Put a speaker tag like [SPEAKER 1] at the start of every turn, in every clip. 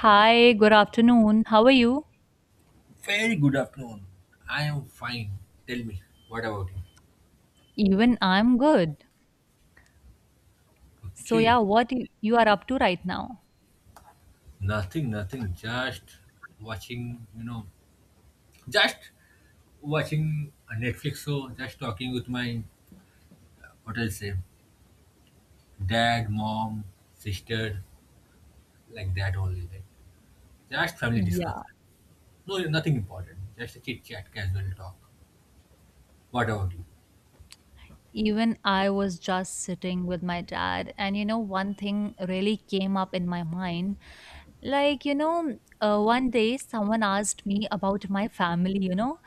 [SPEAKER 1] Hi, good afternoon. How are you?
[SPEAKER 2] Very good afternoon. I am fine. Tell me, what about you?
[SPEAKER 1] Even I'm good. So
[SPEAKER 2] Okay.
[SPEAKER 1] yeah, what you are up to right now?
[SPEAKER 2] Nothing, nothing. Just watching, you know, just watching a Netflix show, just talking with my, what I'll say, dad, mom, sister, like that only. Like, just family
[SPEAKER 1] Yeah.
[SPEAKER 2] discussion. No, nothing important. Just a chit chat, casual talk. What about you?
[SPEAKER 1] Even I was just sitting with my dad, and you know, one thing really came up in my mind. Like, you know, one day someone asked me about my family, you know,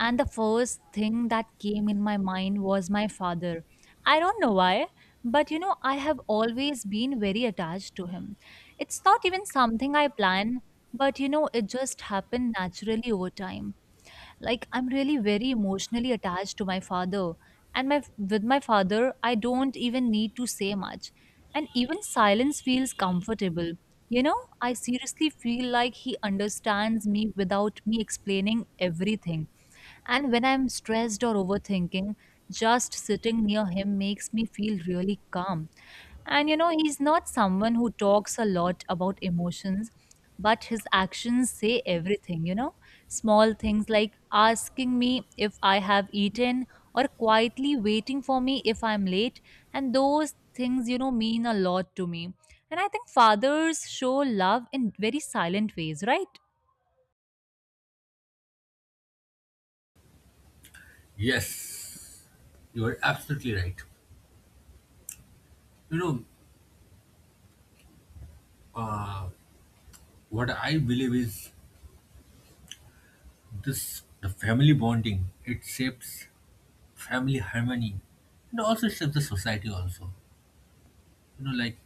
[SPEAKER 1] and the first thing that came in my mind was my father. I don't know why, but you know, I have always been very attached to him. It's not even something I plan, but you know, it just happened naturally over time, like I'm really very emotionally attached to my father. And my with my father I don't even need to say much, and even silence feels comfortable, you know. I seriously feel like he understands me without me explaining everything, and when I'm stressed or overthinking, just sitting near him makes me feel really calm. And you know, he's not someone who talks a lot about emotions, but his actions say everything, you know? Small things like asking me if I have eaten or quietly waiting for me if I'm late, and those things, you know, mean a lot to me. And I think fathers show love in very silent ways, right?
[SPEAKER 2] Yes, you are absolutely right. You know, uh, what I believe is this the family bonding. It shapes family harmony, and also it shapes the society also. You know, like,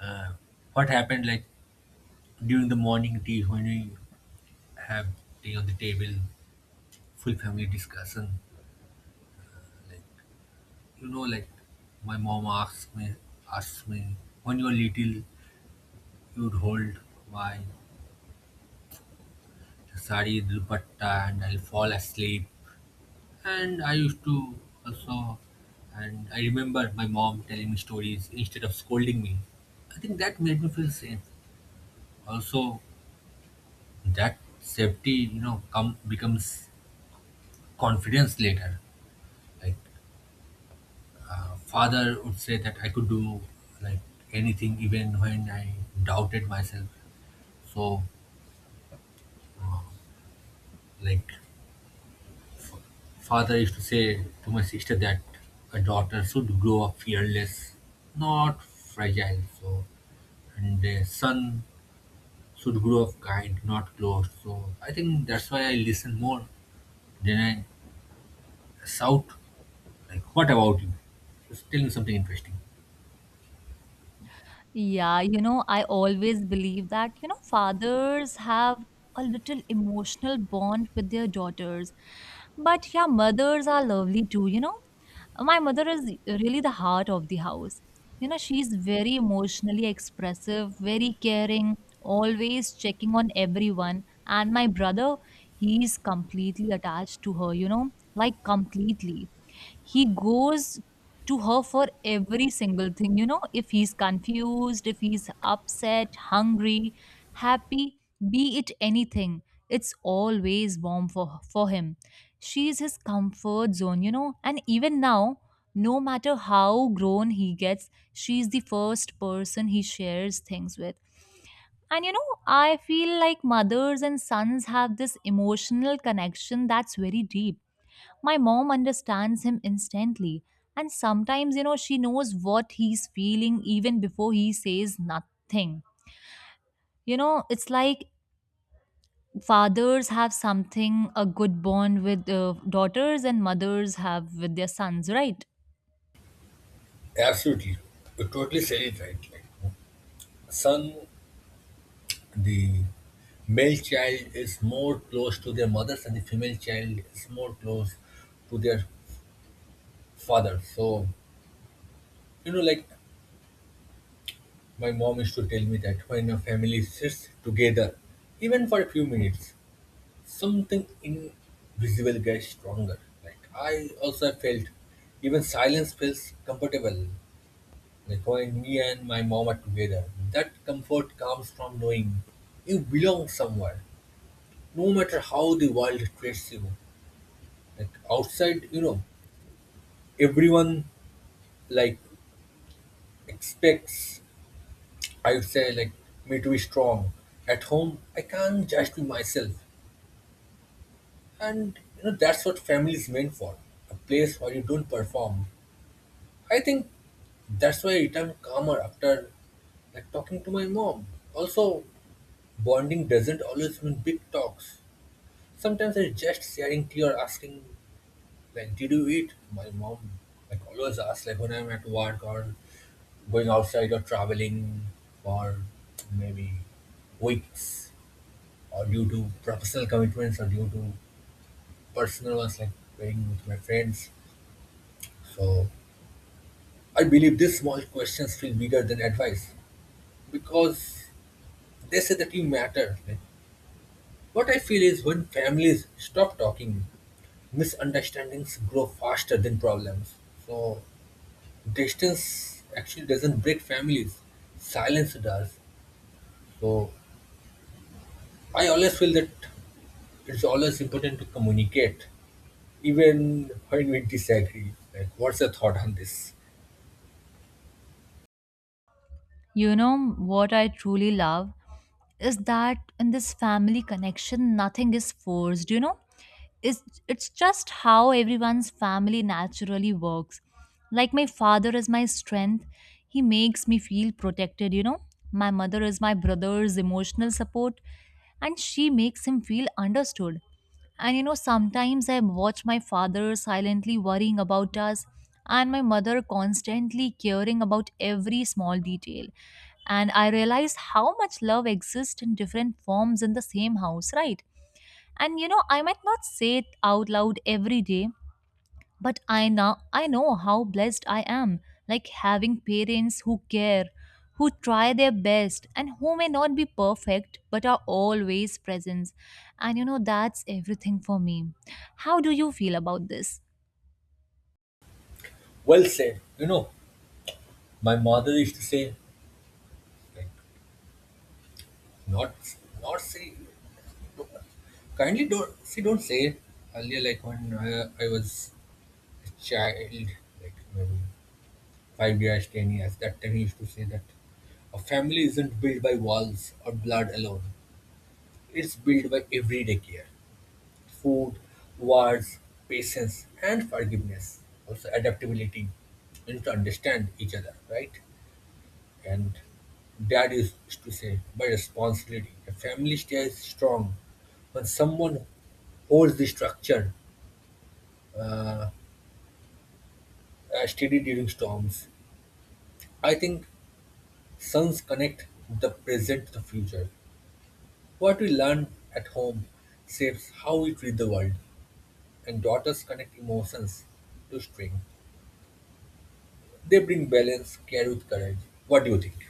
[SPEAKER 2] uh, what happened, like during the morning tea when we have tea on the table, full family discussion. Like, you know, like my mom asks me, when you were little you would hold my sari dupatta and I'll fall asleep. And I used to also. And I remember my mom telling me stories instead of scolding me. I think that made me feel safe. Also, that safety, you know, come becomes confidence later. Like, father would say that I could do, like, anything even when I doubted myself. So, uh, like father used to say to my sister that a daughter should grow up fearless, not fragile. So, and a son should grow up kind, not closed. So I think that's why I listen more than I shout. Like, what about you? Just tell me something interesting.
[SPEAKER 1] Yeah, you know, I always believe that, you know, fathers have a little emotional bond with their daughters. But yeah, mothers are lovely too, you know. My mother is really the heart of the house. You know, she's very emotionally expressive, very caring, always checking on everyone. And my brother, he's completely attached to her, you know, like completely. He goes to her for every single thing. You know, if he's confused, if he's upset, hungry, happy, be it anything, it's always warm for him. She is his comfort zone, you know, and even now, no matter how grown he gets, she's the first person he shares things with. And you know, I feel like mothers and sons have this emotional connection that's very deep. My mom understands him instantly, and sometimes, you know, she knows what he's feeling even before he says nothing. You know, it's like fathers have something, a good bond with daughters, and mothers have with their sons, right?
[SPEAKER 2] Absolutely. You totally said it right. Like, son, the male child is more close to their mothers, and the female child is more close to their father. So, you know, like my mom used to tell me that when a family sits together, even for a few minutes, something invisible gets stronger. Like, I also have felt even silence feels comfortable. Like when me and my mom are together, that comfort comes from knowing you belong somewhere, no matter how the world treats you. Like outside, you know, everyone, like, expects, I would say, like me to be strong. At home, I can't just be myself, and you know that's what family is meant for—a place where you don't perform. I think that's why I returned calmer after, like, talking to my mom. Also, bonding doesn't always mean big talks. Sometimes it's just sharing tea or asking, like, did you eat? My mom, like, always asks, like when I'm at work or going outside or traveling for maybe weeks or due to professional commitments or due to personal ones, like playing with my friends. So I believe these small questions feel bigger than advice because they say that you matter. Like, what I feel is when families stop talking, misunderstandings grow faster than problems. So distance actually doesn't break families. Silence does. So I always feel that it's always important to communicate, even when we disagree. Like, what's your thought on this?
[SPEAKER 1] You know, what I truly love is that in this family connection, nothing is forced, you know? Is It's just how everyone's family naturally works. Like, my father is my strength, he makes me feel protected, you know. My mother is my brother's emotional support, and she makes him feel understood. And you know, sometimes I watch my father silently worrying about us, and my mother constantly caring about every small detail, and I realize how much love exists in different forms in the same house, right? And you know, I might not say it out loud every day, but I now I know how blessed I am. Like, having parents who care, who try their best, and who may not be perfect but are always present. And you know, that's everything for me. How do you feel about this?
[SPEAKER 2] Well said. You know, my mother used to say, like, not, not say, kindly don't see don't say it earlier, like when I was a child like maybe 5 years, 10 years. That time he used to say that a family isn't built by walls or blood alone. It's built by everyday care, food, words, patience, and forgiveness. Also adaptability, and to understand each other, right? And dad used to say by responsibility. A family stays strong when someone holds the structure steady during storms. I think sons connect the present to the future. What we learn at home shapes how we treat the world, and daughters connect emotions to string. They bring balance, care with courage. What do you think?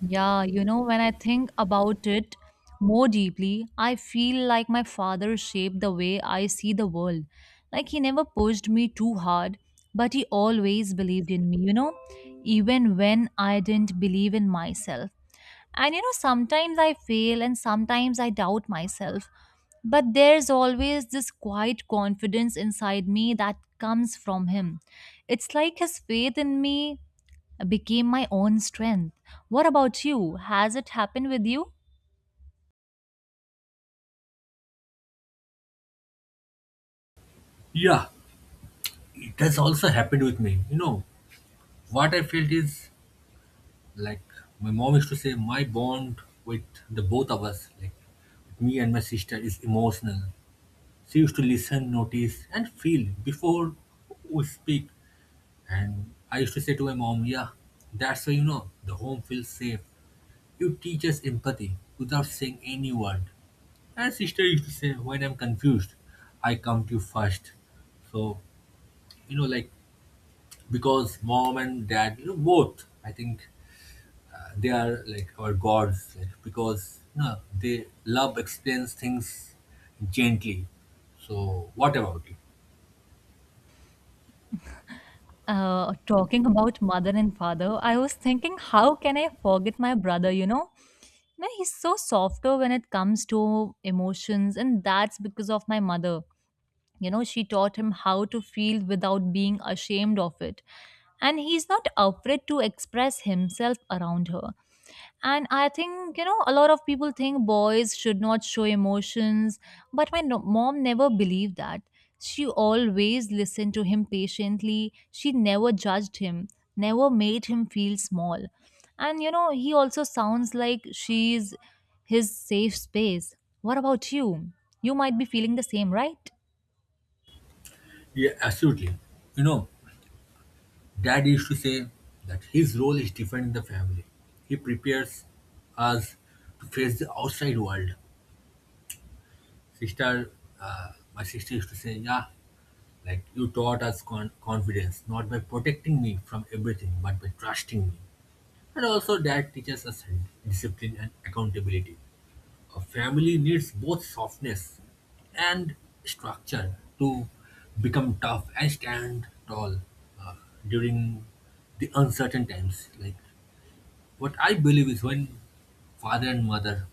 [SPEAKER 1] Yeah, you know, when I think about it more deeply, I feel like my father shaped the way I see the world. Like, he never pushed me too hard, but he always believed in me, you know, even when I didn't believe in myself. And you know, sometimes I fail and sometimes I doubt myself, but there's always this quiet confidence inside me that comes from him. It's like his faith in me became my own strength. What about you? Has it happened with you?
[SPEAKER 2] Yeah, it has also happened with me. You know, what I felt is like my mom used to say, my bond with the both of us, like with me and my sister, is emotional. She used to listen, notice, and feel before we speak. And I used to say to my mom, yeah, that's why you know the home feels safe. You teach us empathy without saying any word. And sister used to say, when I'm confused, I come to you first. So, you know, like, because mom and dad, you know, both, I think, they are like our gods, like, because, you know, they love explains things gently. So, what about you?
[SPEAKER 1] Talking about mother and father, I was thinking, how can I forget my brother? You know, no, he's so softer when it comes to emotions, and that's because of my mother. You know, she taught him how to feel without being ashamed of it, and he's not afraid to express himself around her. And I think, you know, a lot of people think boys should not show emotions, but my mom never believed that. She always listened to him patiently. She never judged him, never made him feel small. And, you know, he also sounds like she's his safe space. What about you? You might be feeling the same, right?
[SPEAKER 2] Yeah, absolutely. You know, dad used to say that his role is different in the family. He prepares us to face the outside world. Sister, my sister used to say, yeah, like you taught us confidence, not by protecting me from everything, but by trusting me. And also, dad teaches us discipline and accountability. A family needs both softness and structure to become tough and stand tall uh, during the uncertain times. Like, what I believe is when father and mother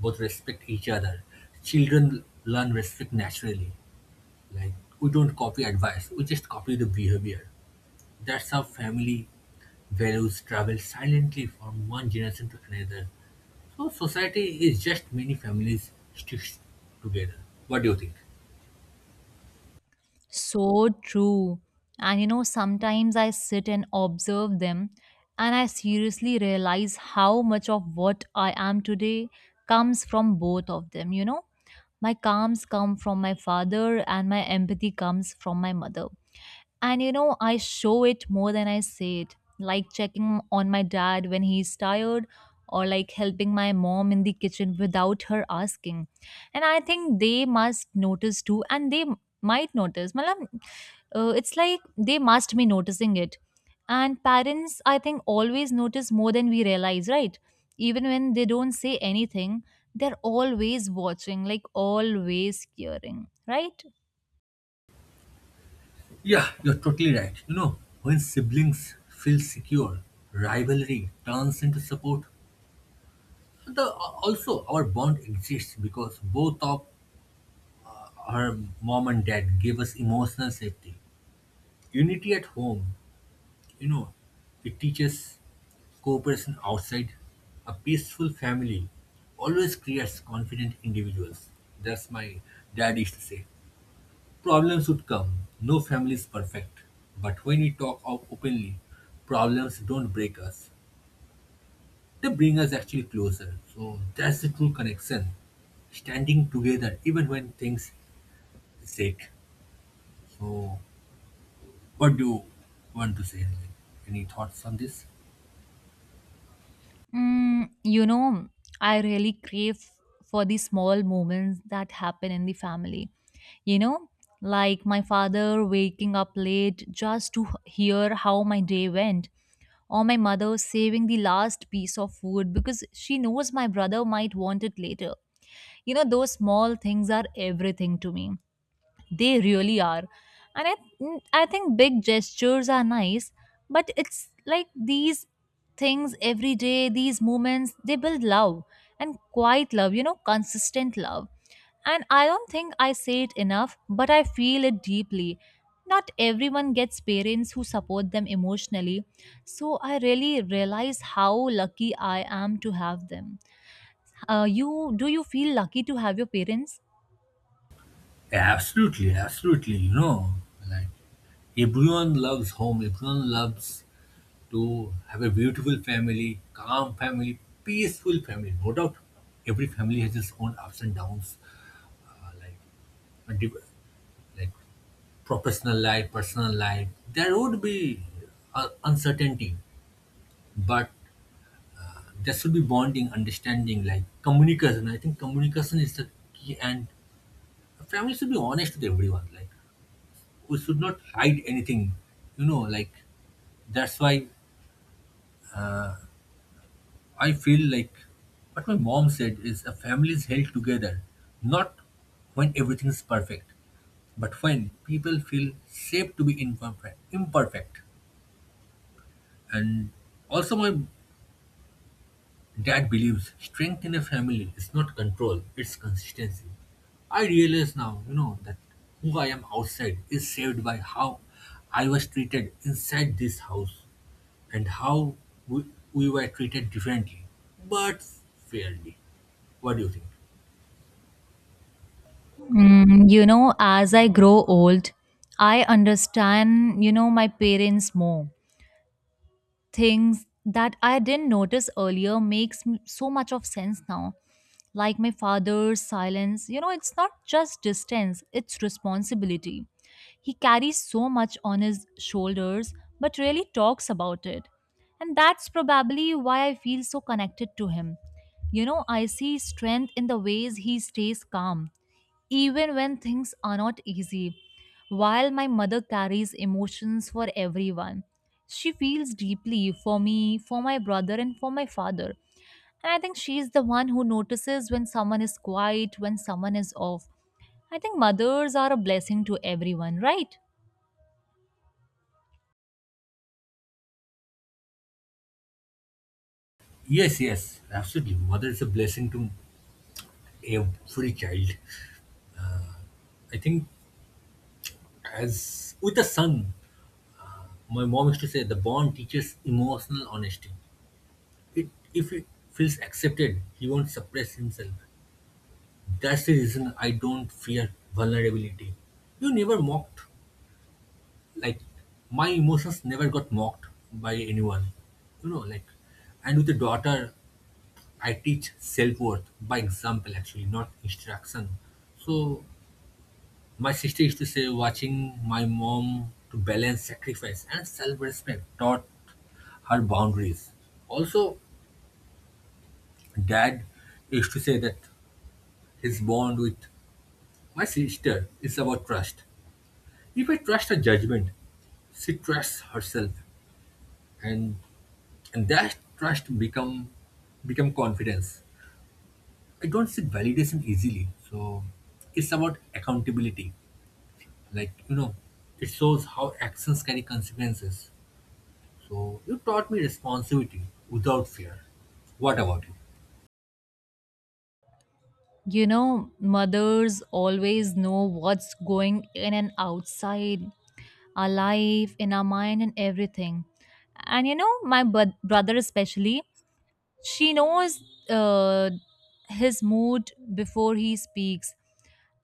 [SPEAKER 2] both respect each other, children learn respect naturally. Like, we don't copy advice, we just copy the behavior. That's how family values travel silently from one generation to another. So, society is just many families sticks together. What do you think?
[SPEAKER 1] So true. And you know, sometimes I sit and observe them, and I seriously realize how much of what I am today comes from both of them, you know. My calms come from my father, and my empathy comes from my mother. And you know, I show it more than I say it, like checking on my dad when he's tired or like helping my mom in the kitchen without her asking. And I think they must notice too, and they might notice. Malam, it's like they must be noticing it. And parents, I think, always notice more than we realize, right? Even when they don't say anything, they're always watching, like always caring, right?
[SPEAKER 2] Yeah, you're totally right. You know, when siblings feel secure, rivalry turns into support. Also, our bond exists because both of our mom and dad gave us emotional safety. Unity at home, you know, it teaches cooperation outside. A peaceful family always creates confident individuals. That's my dad used to say. Problems would come. No family is perfect. But when we talk out openly, problems don't break us. They bring us actually closer. So that's the true connection. Standing together even when things shake. So what do you want to say? Like, any thoughts on this?
[SPEAKER 1] You know, I really crave for the small moments that happen in the family. You know, like my father waking up late just to hear how my day went, or my mother saving the last piece of food because she knows my brother might want it later. You know, those small things are everything to me. They really are. And I think big gestures are nice, but it's like these things every day, these moments, they build love and quiet love, you know, consistent love. And I don't think I say it enough, but I feel it deeply. Not everyone gets parents who support them emotionally, so I really realize how lucky I am to have them. You do you feel lucky to have your parents?
[SPEAKER 2] Absolutely, absolutely. You know, like, everyone loves home. Everyone loves to have a beautiful family, calm family, peaceful family. No doubt, every family has its own ups and downs, like a div- like professional life, personal life. There would be uncertainty, but there should be bonding, understanding, like communication. I think communication is the key, and a family should be honest with everyone. Like, we should not hide anything. You know, like that's why I feel like what my mom said is a family is held together not when everything is perfect, but when people feel safe to be imperfect. And also, my dad believes strength in a family is not control, it's consistency. I realize now, you know, that who I am outside is saved by how I was treated inside this house, and how we, we were treated differently, but fairly. What do you think?
[SPEAKER 1] You know, as I grow old, I understand, you know, my parents more. Things that I didn't notice earlier makes so much of sense now. Like, my father's silence, you know, it's not just distance, it's responsibility. He carries so much on his shoulders, but really talks about it. And that's probably why I feel so connected to him. You know, I see strength in the ways he stays calm even when things are not easy. While my mother carries emotions for everyone, she feels deeply for me, for my brother, and for my father. And I think she is the one who notices when someone is quiet, when someone is off. I think mothers are a blessing to everyone, right?
[SPEAKER 2] Yes, yes, absolutely. Mother is a blessing to every child. I think, as with the son, my mom used to say, the bond teaches emotional honesty. If he feels accepted, he won't suppress himself. That's the reason I don't fear vulnerability. You never mocked. Like, my emotions never got mocked by anyone. You know, like, and with a daughter, I teach self worth by example, actually, not instruction. So, my sister used to say, watching my mom to balance sacrifice and self respect taught her boundaries. Also, dad used to say that his bond with my sister is about trust. If I trust her judgment, she trusts herself, and and that trust become confidence. I don't seek validation easily, so it's about accountability. Like, you know, it shows how actions carry consequences. So you taught me responsibility without fear. What about you?
[SPEAKER 1] You know, mothers always know what's going in and outside our life, in our mind, and everything. And you know, my brother, especially, she knows uh, his mood before he speaks,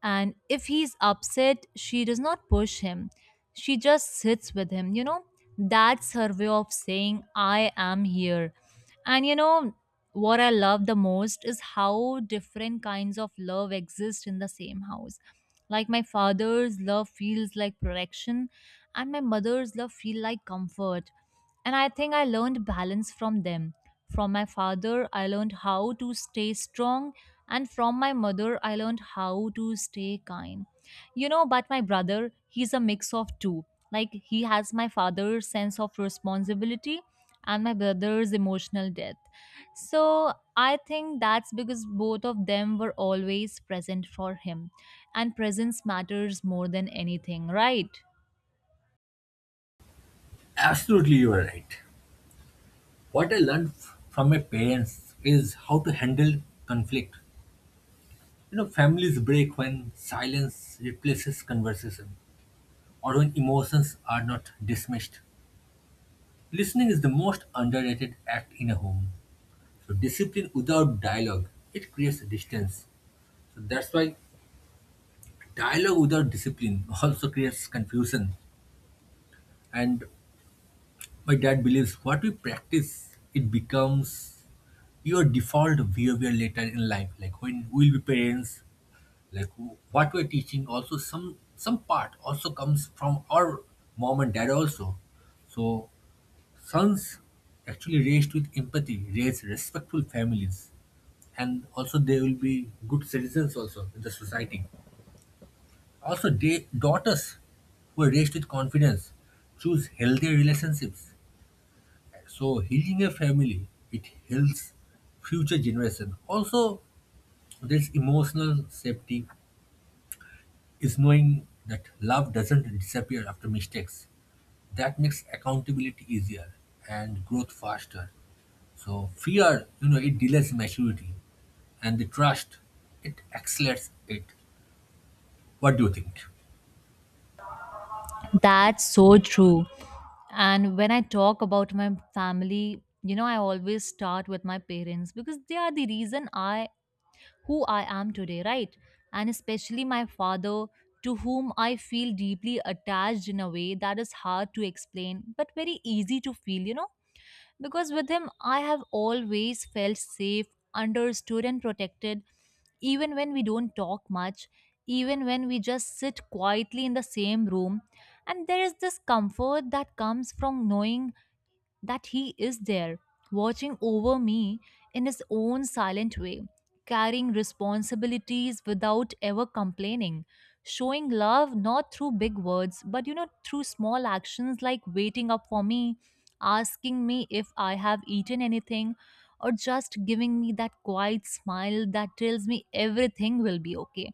[SPEAKER 1] and if he's upset, she does not push him. She just sits with him. You know, that's her way of saying, I am here. And you know, what I love the most is how different kinds of love exist in the same house. Like, my father's love feels like protection, and my mother's love feel like comfort, and I think I learned balance from them. From my father, I learned how to stay strong, and from my mother, I learned how to stay kind. You know, but my brother, he's a mix of two. Like, he has my father's sense of responsibility and my brother's emotional depth. So, I think that's because both of them were always present for him. And presence matters more than anything, right?
[SPEAKER 2] Absolutely, you are right. What I learned from my parents is how to handle conflict. You know, families break when silence replaces conversation, or when emotions are not dismissed. Listening is the most underrated act in a home. So discipline without dialogue, it creates distance. So that's why dialogue without discipline also creates confusion. And my dad believes what we practice, it becomes your default behavior later in life. Like when we'll be parents, like what we're teaching, also some part also comes from our mom and dad also. So sons actually raised with empathy raise respectful families, and also they will be good citizens also in the society. Also, they daughters who are raised with confidence choose healthy relationships. So healing a family, it heals future generation also. There's emotional safety is knowing that love doesn't disappear after mistakes. That makes accountability easier and growth faster. So fear, you know, it delays maturity, and the trust, it accelerates it. What do you think?
[SPEAKER 1] That's so true. And when I talk about my family, you know, I always start with my parents because they are the reason I who I am today, right? And especially my father, to whom I feel deeply attached in a way that is hard to explain, but very easy to feel, you know? Because with him, I have always felt safe, understood, and protected, even when we don't talk much, even when we just sit quietly in the same room, and there is this comfort that comes from knowing that he is there, watching over me in his own silent way, carrying responsibilities without ever complaining, showing love not through big words, but you know, through small actions like waiting up for me, asking me if I have eaten anything, or just giving me that quiet smile that tells me everything will be okay.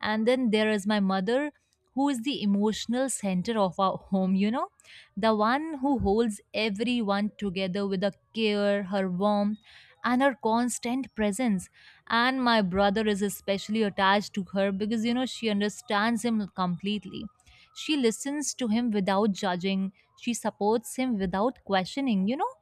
[SPEAKER 1] And then there is my mother, who is the emotional center of our home, you know, the one who holds everyone together with her care, her warmth, and her constant presence. And my brother is especially attached to her because, you know, she understands him completely. She listens to him without judging, she supports him without questioning, you know,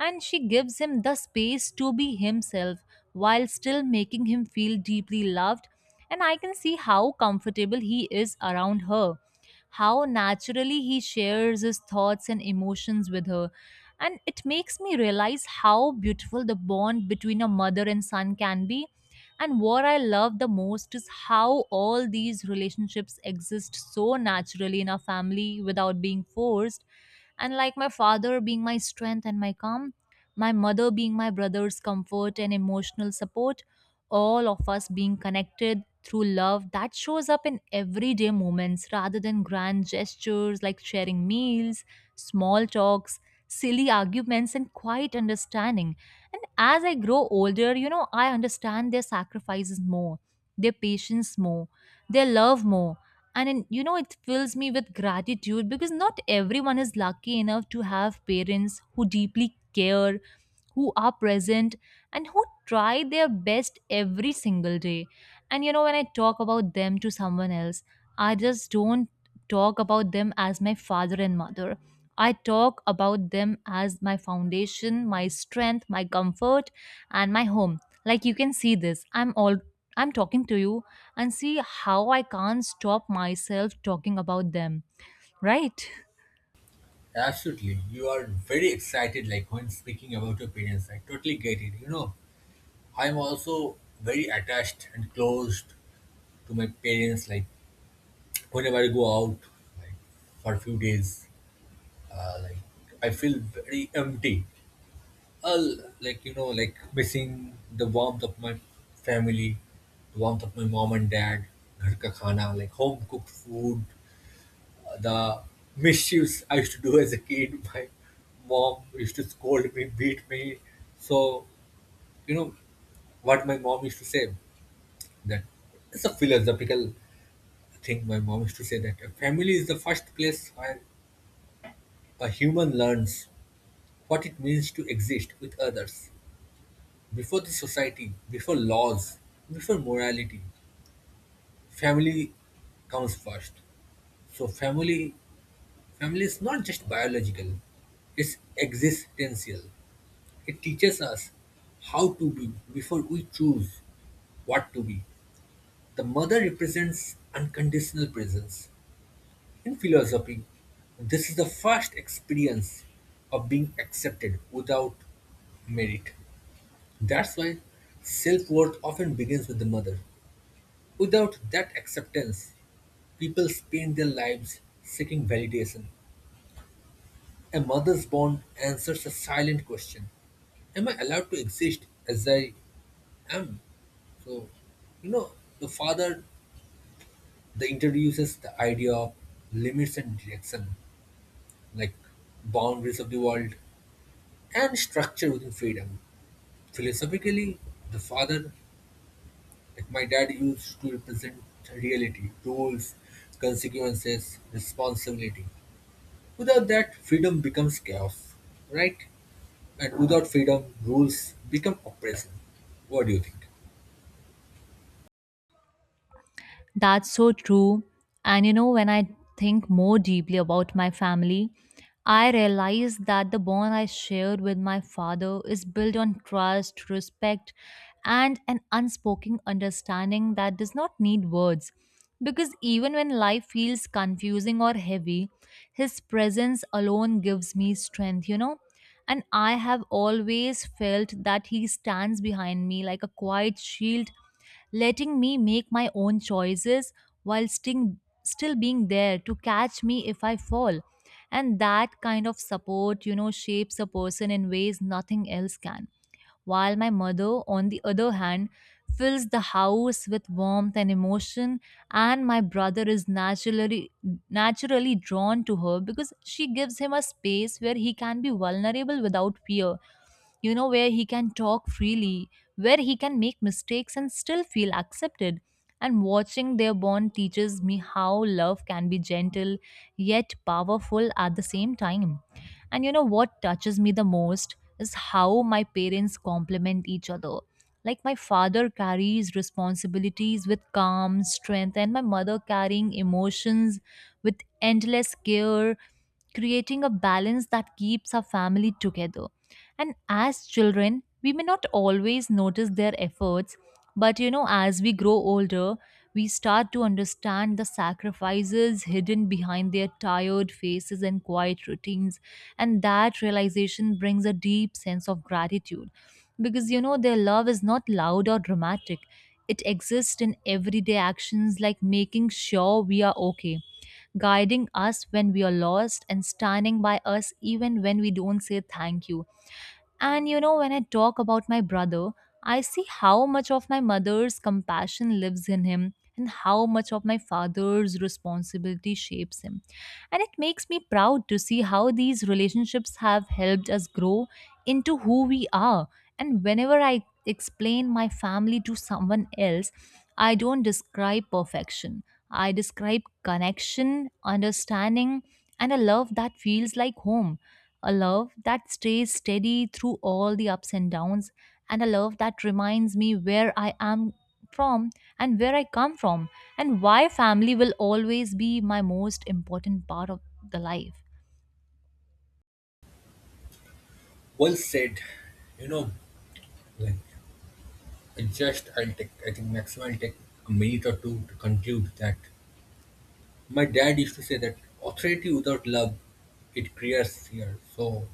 [SPEAKER 1] and she gives him the space to be himself while still making him feel deeply loved. And I can see how comfortable he is around her, how naturally he shares his thoughts and emotions with her. And it makes me realize how beautiful the bond between a mother and son can be. And what I love the most is how all these relationships exist so naturally in our family without being forced, and like my father being my strength and my calm, my mother being my brother's comfort and emotional support, all of us being connected through love that shows up in everyday moments rather than grand gestures, like sharing meals, small talks, silly arguments, and quiet understanding. And as I grow older, I understand their sacrifices more, their patience more, their love more, and in, you know it fills me with gratitude, because not everyone is lucky enough to have parents who deeply care, who are present, and who try their best every single day. And you know, when I talk about them to someone else, I just don't talk about them as my father and mother. I talk about them as my foundation, my strength, my comfort, and my home. Like, you can see this. I'm all I'm talking to you and see how I can't stop myself talking about them, right?
[SPEAKER 2] Absolutely, you are very excited. Like when speaking about your parents, I totally get it. You know, I'm also very attached and close to my parents. Like whenever I go out, like for a few days, like I feel very empty. I'll, like, you know, like missing the warmth of my family, the warmth of my mom and dad, घर का खाना, like home cooked food, the mischiefs I used to do as a kid. My mom used to scold me, beat me. So you know what my mom used to say, that it's a philosophical thing. My mom used to say that a family is the first place where a human learns what it means to exist with others. Before the society, before laws, before morality, family comes first. So family is not just biological, it's existential. It teaches us how to be before we choose what to be. The mother represents unconditional presence. In philosophy, this is the first experience of being accepted without merit. That's why self worth often begins with the mother. Without that acceptance, people spend their lives seeking validation. A mother's bond answers a silent question: am I allowed to exist as I am? So, you know, the father the introduces the idea of limits and direction, like boundaries of the world and structure within freedom. Philosophically, the father, like my dad, used to represent reality, rules, consequences, responsibility. Without that, freedom becomes chaos, right? And without freedom, rules become oppression. What do you think?
[SPEAKER 1] That's so true. And you know, when I think more deeply about my family, I realize that the bond I shared with my father is built on trust, respect, and an unspoken understanding that does not need words. Because even when life feels confusing or heavy, his presence alone gives me strength, you know? And I have always felt that he stands behind me like a quiet shield, letting me make my own choices while still being there to catch me if I fall. And that kind of support, you know, shapes a person in ways nothing else can. While my mother, on the other hand, fills the house with warmth and emotion, and my brother is naturally drawn to her because she gives him a space where he can be vulnerable without fear, you know, where he can talk freely, where he can make mistakes and still feel accepted. And watching their bond teaches me how love can be gentle yet powerful at the same time. And you know what touches me the most is how my parents complement each other. Like my father carries responsibilities with calm strength, and my mother carrying emotions with endless care, creating a balance that keeps our family together. And as children, we may not always notice their efforts, but you know, as we grow older, we start to understand the sacrifices hidden behind their tired faces and quiet routines. And that realization brings a deep sense of gratitude, because you know, their love is not loud or dramatic. It exists in everyday actions, like making sure we are okay, guiding us when we are lost, and standing by us even when we don't say thank you. And you know, when I talk about my brother, I see how much of my mother's compassion lives in him and how much of my father's responsibility shapes him. And it makes me proud to see how these relationships have helped us grow into who we are. And whenever I explain my family to someone else, I don't describe perfection. I describe connection, understanding, and a love that feels like home. A love that stays steady through all the ups and downs, and a love that reminds me where I am from and where I come from, and why family will always be my most important part of the life.
[SPEAKER 2] Well said. You know, like I just I'll take I think maximum I'll take a minute or two to conclude that my dad used to say that authority without love, it creates fear. So,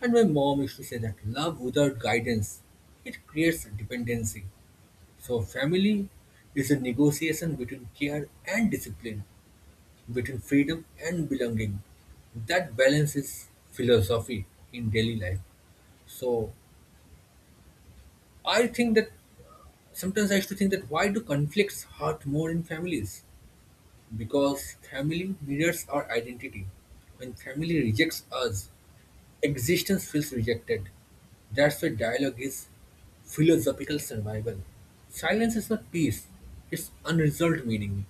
[SPEAKER 2] and my mom used to say that love without guidance, it creates dependency. So family is a negotiation between care and discipline, between freedom and belonging. That balance is philosophy in daily life. So I think that sometimes I used to think, that why do conflicts hurt more in families? Because family mirrors our identity. When family rejects us, existence feels rejected. That's why dialogue is philosophical survival. Silence is not peace, it's unresolved meaning.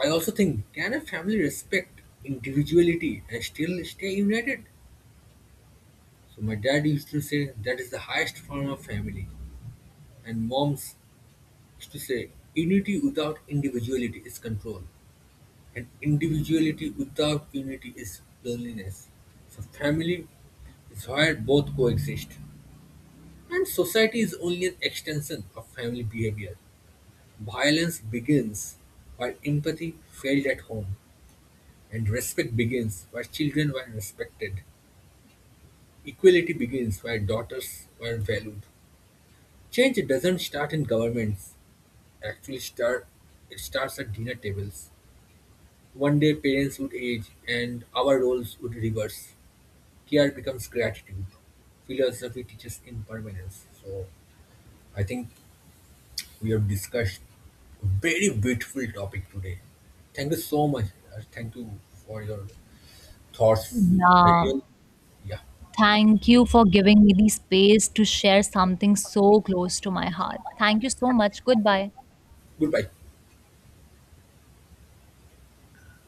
[SPEAKER 2] I also think, can a family respect individuality and still stay united? So my dad used to say that is the highest form of family. And moms used to say unity without individuality is control. And individuality without unity is loneliness. So family is where both coexist. And society is only an extension of family behavior. Violence begins while empathy failed at home. And respect begins where children were respected. Equality begins where daughters were valued. Change doesn't start in governments. Actually, start it starts at dinner tables. One day, parents would age, and our roles would reverse. Care becomes gratitude. Philosophy teaches impermanence. So, I think we have discussed a very beautiful topic today. Thank you so much. Raj. Thank you for your thoughts.
[SPEAKER 1] Yeah,
[SPEAKER 2] Real, yeah.
[SPEAKER 1] thank you for giving me the space to share something so close to my heart. Thank you so much. Goodbye.
[SPEAKER 2] Goodbye.